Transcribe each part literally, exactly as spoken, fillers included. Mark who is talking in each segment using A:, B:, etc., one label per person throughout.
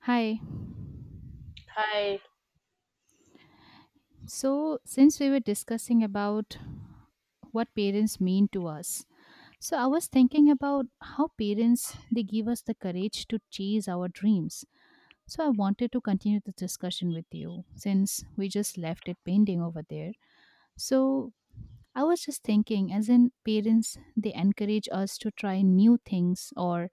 A: Hi.
B: Hi.
A: So, since we were discussing about what parents mean to us, so I was thinking about how parents they give us the courage to chase our dreams. So, I wanted to continue the discussion with you since we just left it pending over there. So, I was just thinking as in parents they encourage us to try new things or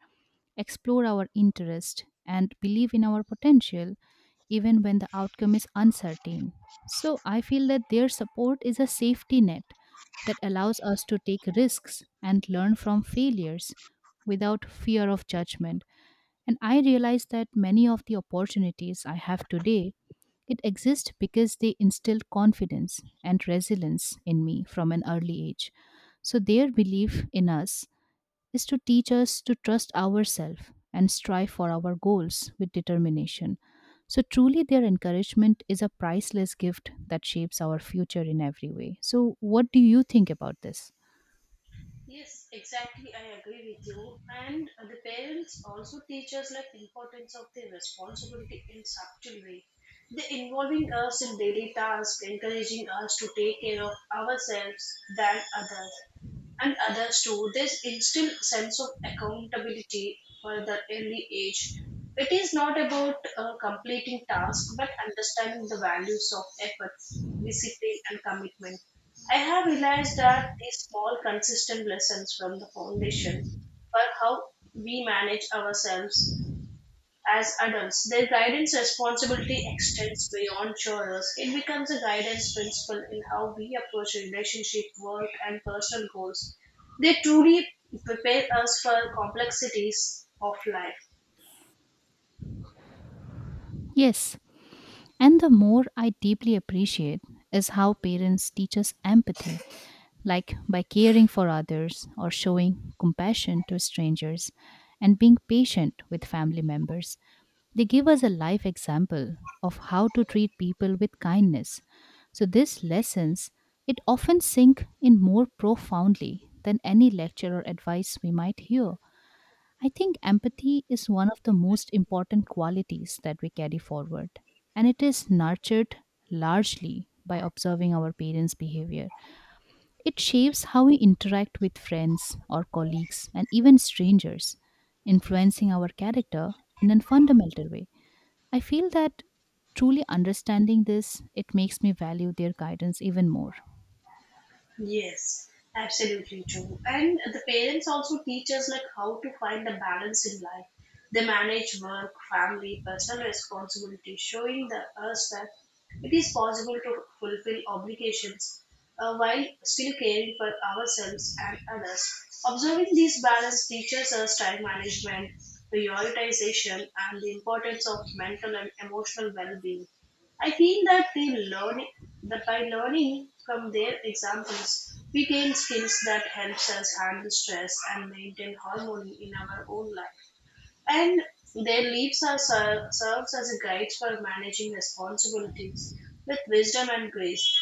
A: explore our interest, and believe in our potential even when the outcome is uncertain. So I feel that their support is a safety net that allows us to take risks and learn from failures without fear of judgment. And I realize that many of the opportunities I have today it exists because they instilled confidence and resilience in me from an early age. So their belief in us is to teach us to trust ourselves and strive for our goals with determination. So, truly, their encouragement is a priceless gift that shapes our future in every way. So, what do you think about this?
B: Yes, exactly. I agree with you. And uh, the parents also teach us like importance of their responsibility in subtle way. They involving us in daily tasks, encouraging us to take care of ourselves than others. and others too. This instill sense of accountability for the early age. It is not about uh, completing tasks, but understanding the values of effort, discipline, and commitment. I have realized that these small, consistent lessons from the foundation for how we manage ourselves as adults, their guidance responsibility extends beyond chores. It becomes a guidance principle in how we approach relationship, work, and personal goals. They truly prepare us for complexities of life.
A: Yes, and the more I deeply appreciate is how parents teach us empathy, like by caring for others or showing compassion to strangers and being patient with family members. They give us a life example of how to treat people with kindness. So these lessons it often sink in more profoundly than any lecture or advice we might hear. I think empathy is one of the most important qualities that we carry forward, and it is nurtured largely by observing our parents' behavior. It shapes how we interact with friends or colleagues and even strangers, influencing our character in a fundamental way. I feel that truly understanding this, it makes me value their guidance even more.
B: Yes, absolutely true. And the parents also teach us like how to find the balance in life. They manage work, family, personal responsibility, showing the us that it is possible to fulfill obligations uh, while still caring for ourselves and others. Observing these balance teaches us time management, prioritization, and the importance of mental and emotional well-being. I feel that they learn that by learning from their examples, we gain skills that helps us handle stress and maintain harmony in our own life. And their leaves are ser- serves as a guide for managing responsibilities with wisdom and grace.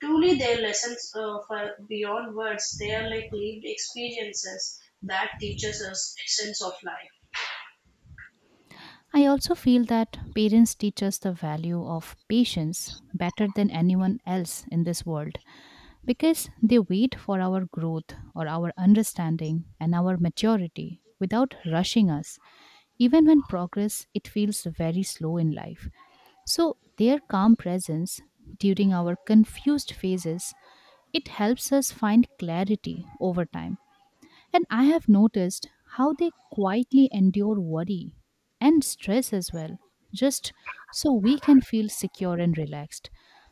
B: Truly, their lessons uh, for beyond words. They are like lived experiences that teaches us essence of life.
A: I also feel that parents teach us the value of patience better than anyone else in this world because they wait for our growth or our understanding and our maturity without rushing us even when progress it feels very slow in life, so their calm presence during our confused phases it helps us find clarity over time. And I have noticed how they quietly endure worry and stress as well, just so we can feel secure and relaxed.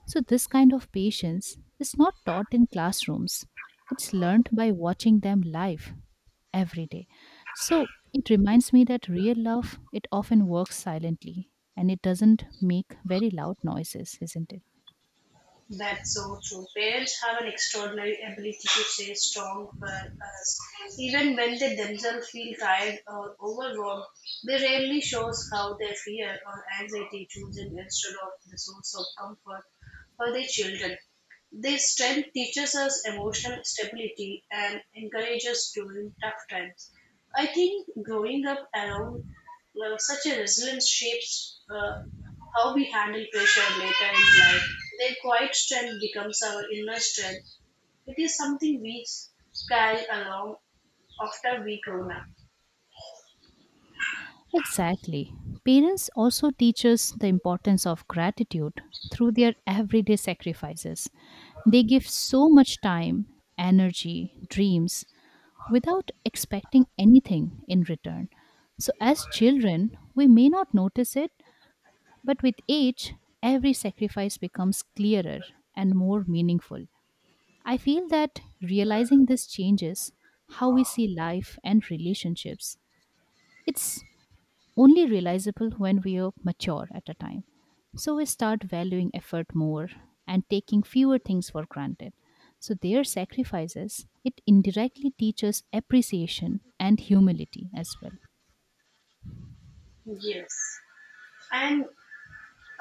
A: So, this kind of patience is not taught in classrooms, it's learned by watching them live every day. So, it reminds me that real love, it often works silently and it doesn't make very loud noises, isn't it?
B: That's so true. Parents have an extraordinary ability to stay strong for us. Even when they themselves feel tired or overwhelmed, they rarely shows how their fear or anxiety choosing instead of the source of comfort for their children. This strength teaches us emotional stability and encourages during tough times. I think growing up around uh, such a resilience shapes uh, how we handle pressure later in life, their quiet strength becomes our inner strength. It is something we carry along after we grown up.
A: Exactly. Parents also teach us the importance of gratitude through their everyday sacrifices. They give so much time, energy, dreams without expecting anything in return. So, as children, we may not notice it, but with age, every sacrifice becomes clearer and more meaningful. I feel that realizing this changes how we see life and relationships. It's only realizable when we are mature at a time. So we start valuing effort more and taking fewer things for granted. So their sacrifices, it indirectly teaches appreciation and humility as well.
B: Yes. And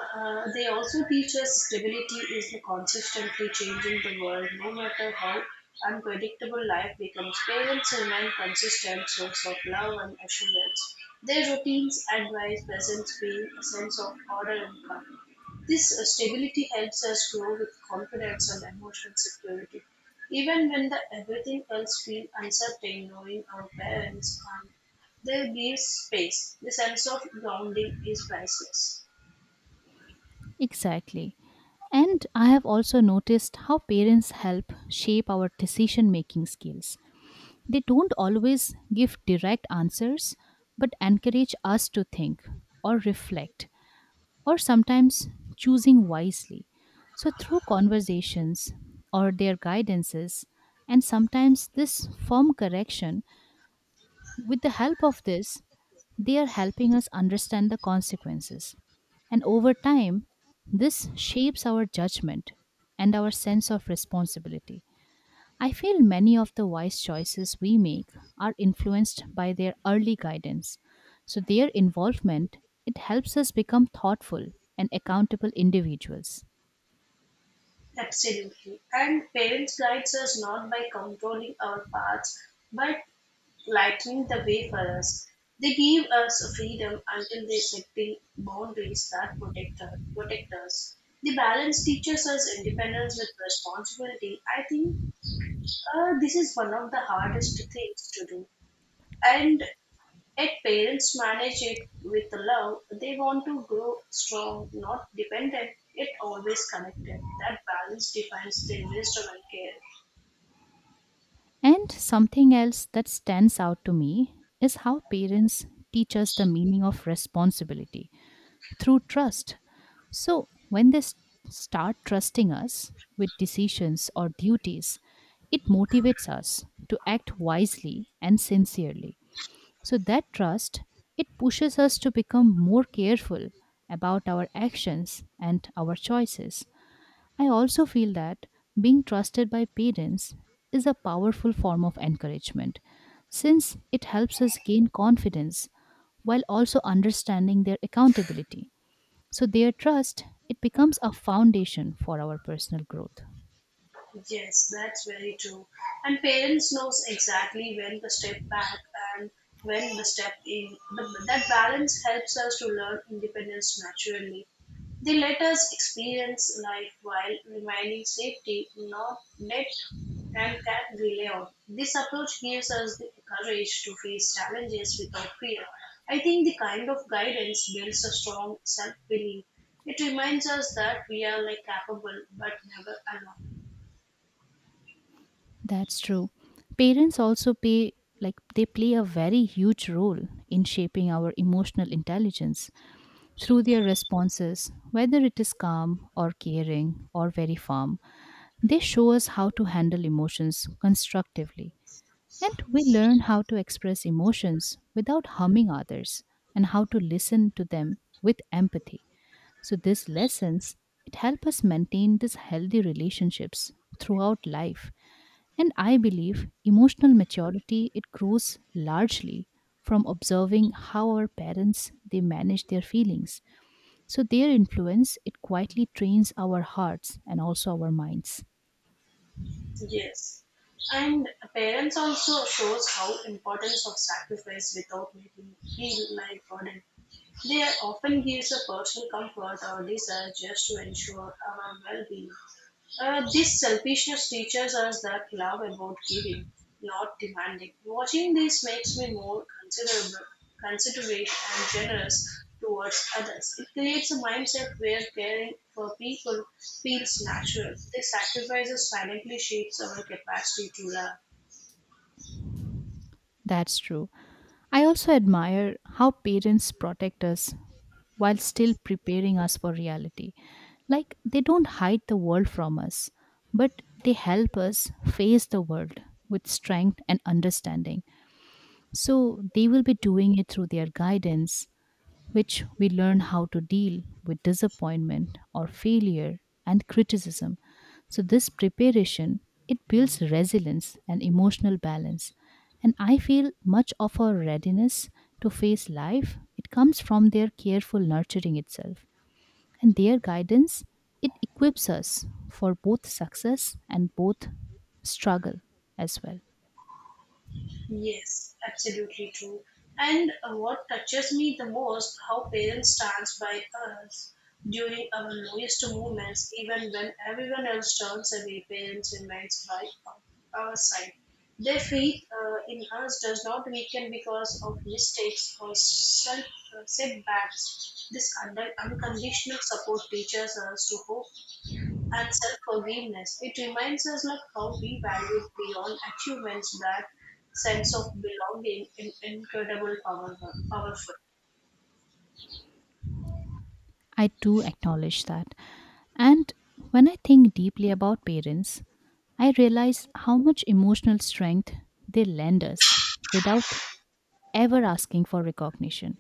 B: Uh, they also teach us stability is the consistently changing the world, no matter how unpredictable life becomes. Parents remain consistent source of love and assurance. Their routines, advice, presence being a sense of order and calm. This uh, stability helps us grow with confidence and emotional security. Even when the everything else feels uncertain, knowing our parents and their gives space, the sense of grounding is priceless.
A: Exactly. And I have also noticed how parents help shape our decision making skills. They don't always give direct answers, but encourage us to think or reflect or sometimes choosing wisely. So, through conversations or their guidances, and sometimes this firm correction, with the help of this, they are helping us understand the consequences. And over time, this shapes our judgment and our sense of responsibility. I feel many of the wise choices we make are influenced by their early guidance. So their involvement it helps us become thoughtful and accountable individuals.
B: Absolutely. And parents guides us not by controlling our paths, but lightening the way for us. They give us freedom until they setting boundaries that protect, us- protect us. The balance teaches us independence with responsibility. I think uh, this is one of the hardest things to do. And yet parents manage it with love. They want to grow strong, not dependent, yet always connected. That balance defines their wisdom and care.
A: And something else that stands out to me is how parents teach us the meaning of responsibility through trust. So when they s- start trusting us with decisions or duties, it motivates us to act wisely and sincerely. So that trust, it pushes us to become more careful about our actions and our choices. I also feel that being trusted by parents is a powerful form of encouragement since it helps us gain confidence while also understanding their accountability. So their trust, it becomes a foundation for our personal growth.
B: Yes, that's very true. And parents knows exactly when to step back and when to step in. The, that balance helps us to learn independence naturally. They let us experience life while remaining safety, not let and can rely on. This approach gives us the courage to face challenges without fear. I think the kind of guidance builds a strong self belief. It reminds us that we are like capable but never alone.
A: That's true. Parents also pay like They play a very huge role in shaping our emotional intelligence through their responses, whether it is calm or caring or very firm. They show us how to handle emotions constructively, and we learn how to express emotions without harming others and how to listen to them with empathy. So these lessons it help us maintain these healthy relationships throughout life and I believe emotional maturity it grows largely from observing how our parents they manage their feelings. So their influence it quietly trains our hearts and also our minds.
B: Yes, and parents also shows how importance of sacrifice without making feel like burden. They often gives a personal comfort or desire just to ensure our well-being. Uh, this selfishness teaches us that love about giving, not demanding. Watching this makes me more considerable, considerate and generous towards others. It creates a mindset where caring for people feels natural. This sacrifices silently shapes our capacity to love.
A: That's true. I also admire how parents protect us while still preparing us for reality. Like they don't hide the world from us, but they help us face the world with strength and understanding. So they will be doing it through their guidance, which we learn how to deal with disappointment or failure and criticism. So this preparation it builds resilience and emotional balance. And I feel much of our readiness to face life it comes from their careful nurturing itself and their guidance it equips us for both success and both struggle as well.
B: Yes, absolutely true. And uh, what touches me the most, how parents stands by us during our lowest moments, even when everyone else turns away, parents remains by our our side. Their faith uh, in us does not weaken because of mistakes or self uh, setbacks. This under- unconditional support teaches us to hope and self-forgiveness. It reminds us like how we value beyond achievements that sense of belonging in incredible power, powerful.
A: I do acknowledge that. And when I think deeply about parents, I realize how much emotional strength they lend us without ever asking for recognition.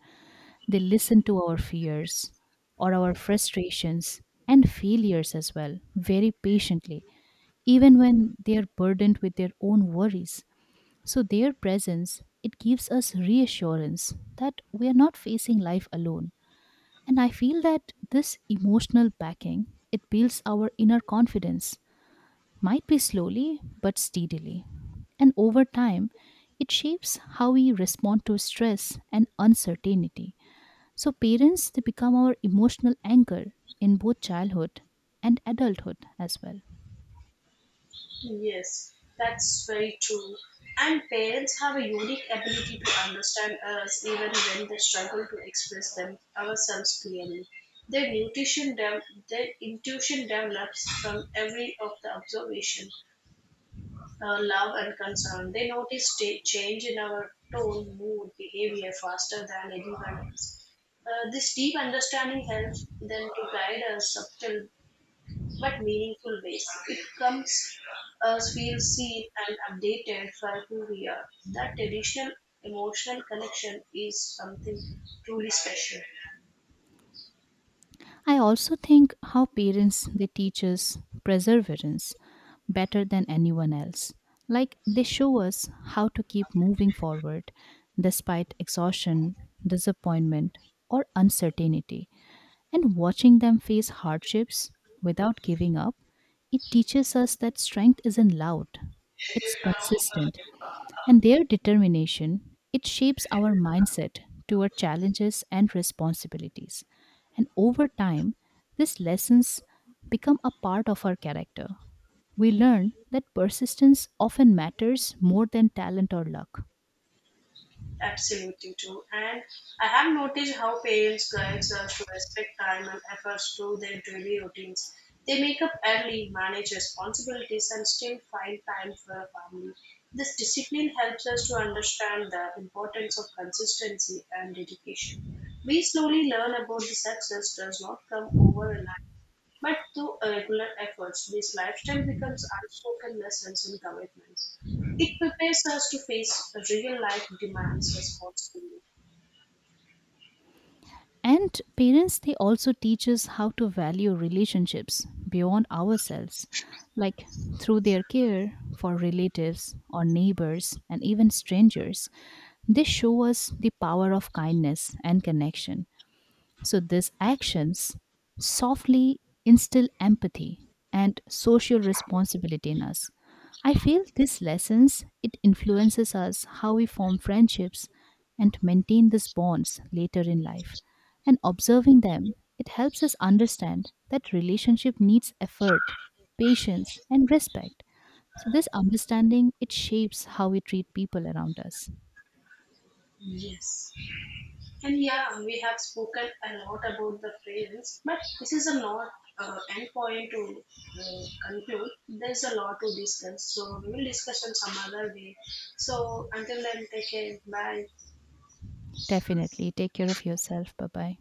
A: They listen to our fears or our frustrations and failures as well very patiently, even when they are burdened with their own worries. So their presence it gives us reassurance that we are not facing life alone and I feel that this emotional backing, it builds our inner confidence, might be slowly but steadily. And over time, it shapes how we respond to stress and uncertainty. So parents, they become our emotional anchor in both childhood and adulthood as well.
B: Yes, that's very true. And parents have a unique ability to understand us even when they struggle to express them ourselves clearly. Their nutrition dev- their intuition develops from every of the observation uh, love and concern. They notice cha- change in our tone, mood, behavior faster than anyone else. Uh, this deep understanding helps them to guide us subtle but meaningful ways. It comes us feel seen and updated for who we are. That traditional emotional connection is something truly special.
A: I also think how parents they teach us perseverance better than anyone else. Like they show us how to keep moving forward despite exhaustion, disappointment, or uncertainty. And watching them face hardships without giving up, it teaches us that strength isn't loud, it's consistent and their determination, it shapes our mindset toward challenges and responsibilities. And over time, these lessons become a part of our character. We learn that persistence often matters more than talent or luck.
B: Absolutely true. And I have noticed how parents guide us to respect time and efforts through their daily routines. They make up early, manage responsibilities, and still find time for family. This discipline helps us to understand the importance of consistency and dedication. We slowly learn about the success does not come overnight but through regular efforts, this lifestyle becomes unspoken lessons and commitments. It prepares us to face real life demands responsibly.
A: And parents, they also teach us how to value relationships beyond ourselves, like through their care for relatives or neighbors and even strangers. They show us the power of kindness and connection. So these actions softly instill empathy and social responsibility in us. I feel these lessons it influences us how we form friendships and maintain these bonds later in life. And observing them, it helps us understand that relationship needs effort, patience, and respect. So this understanding it shapes how we treat people around us.
B: Yes. And yeah, we have spoken a lot about the fragrance, but this is a not uh, end point to uh, conclude. There's a lot to discuss, so we will discuss on some other day. So until then, take care. Bye.
A: Definitely take care of yourself. Bye-bye.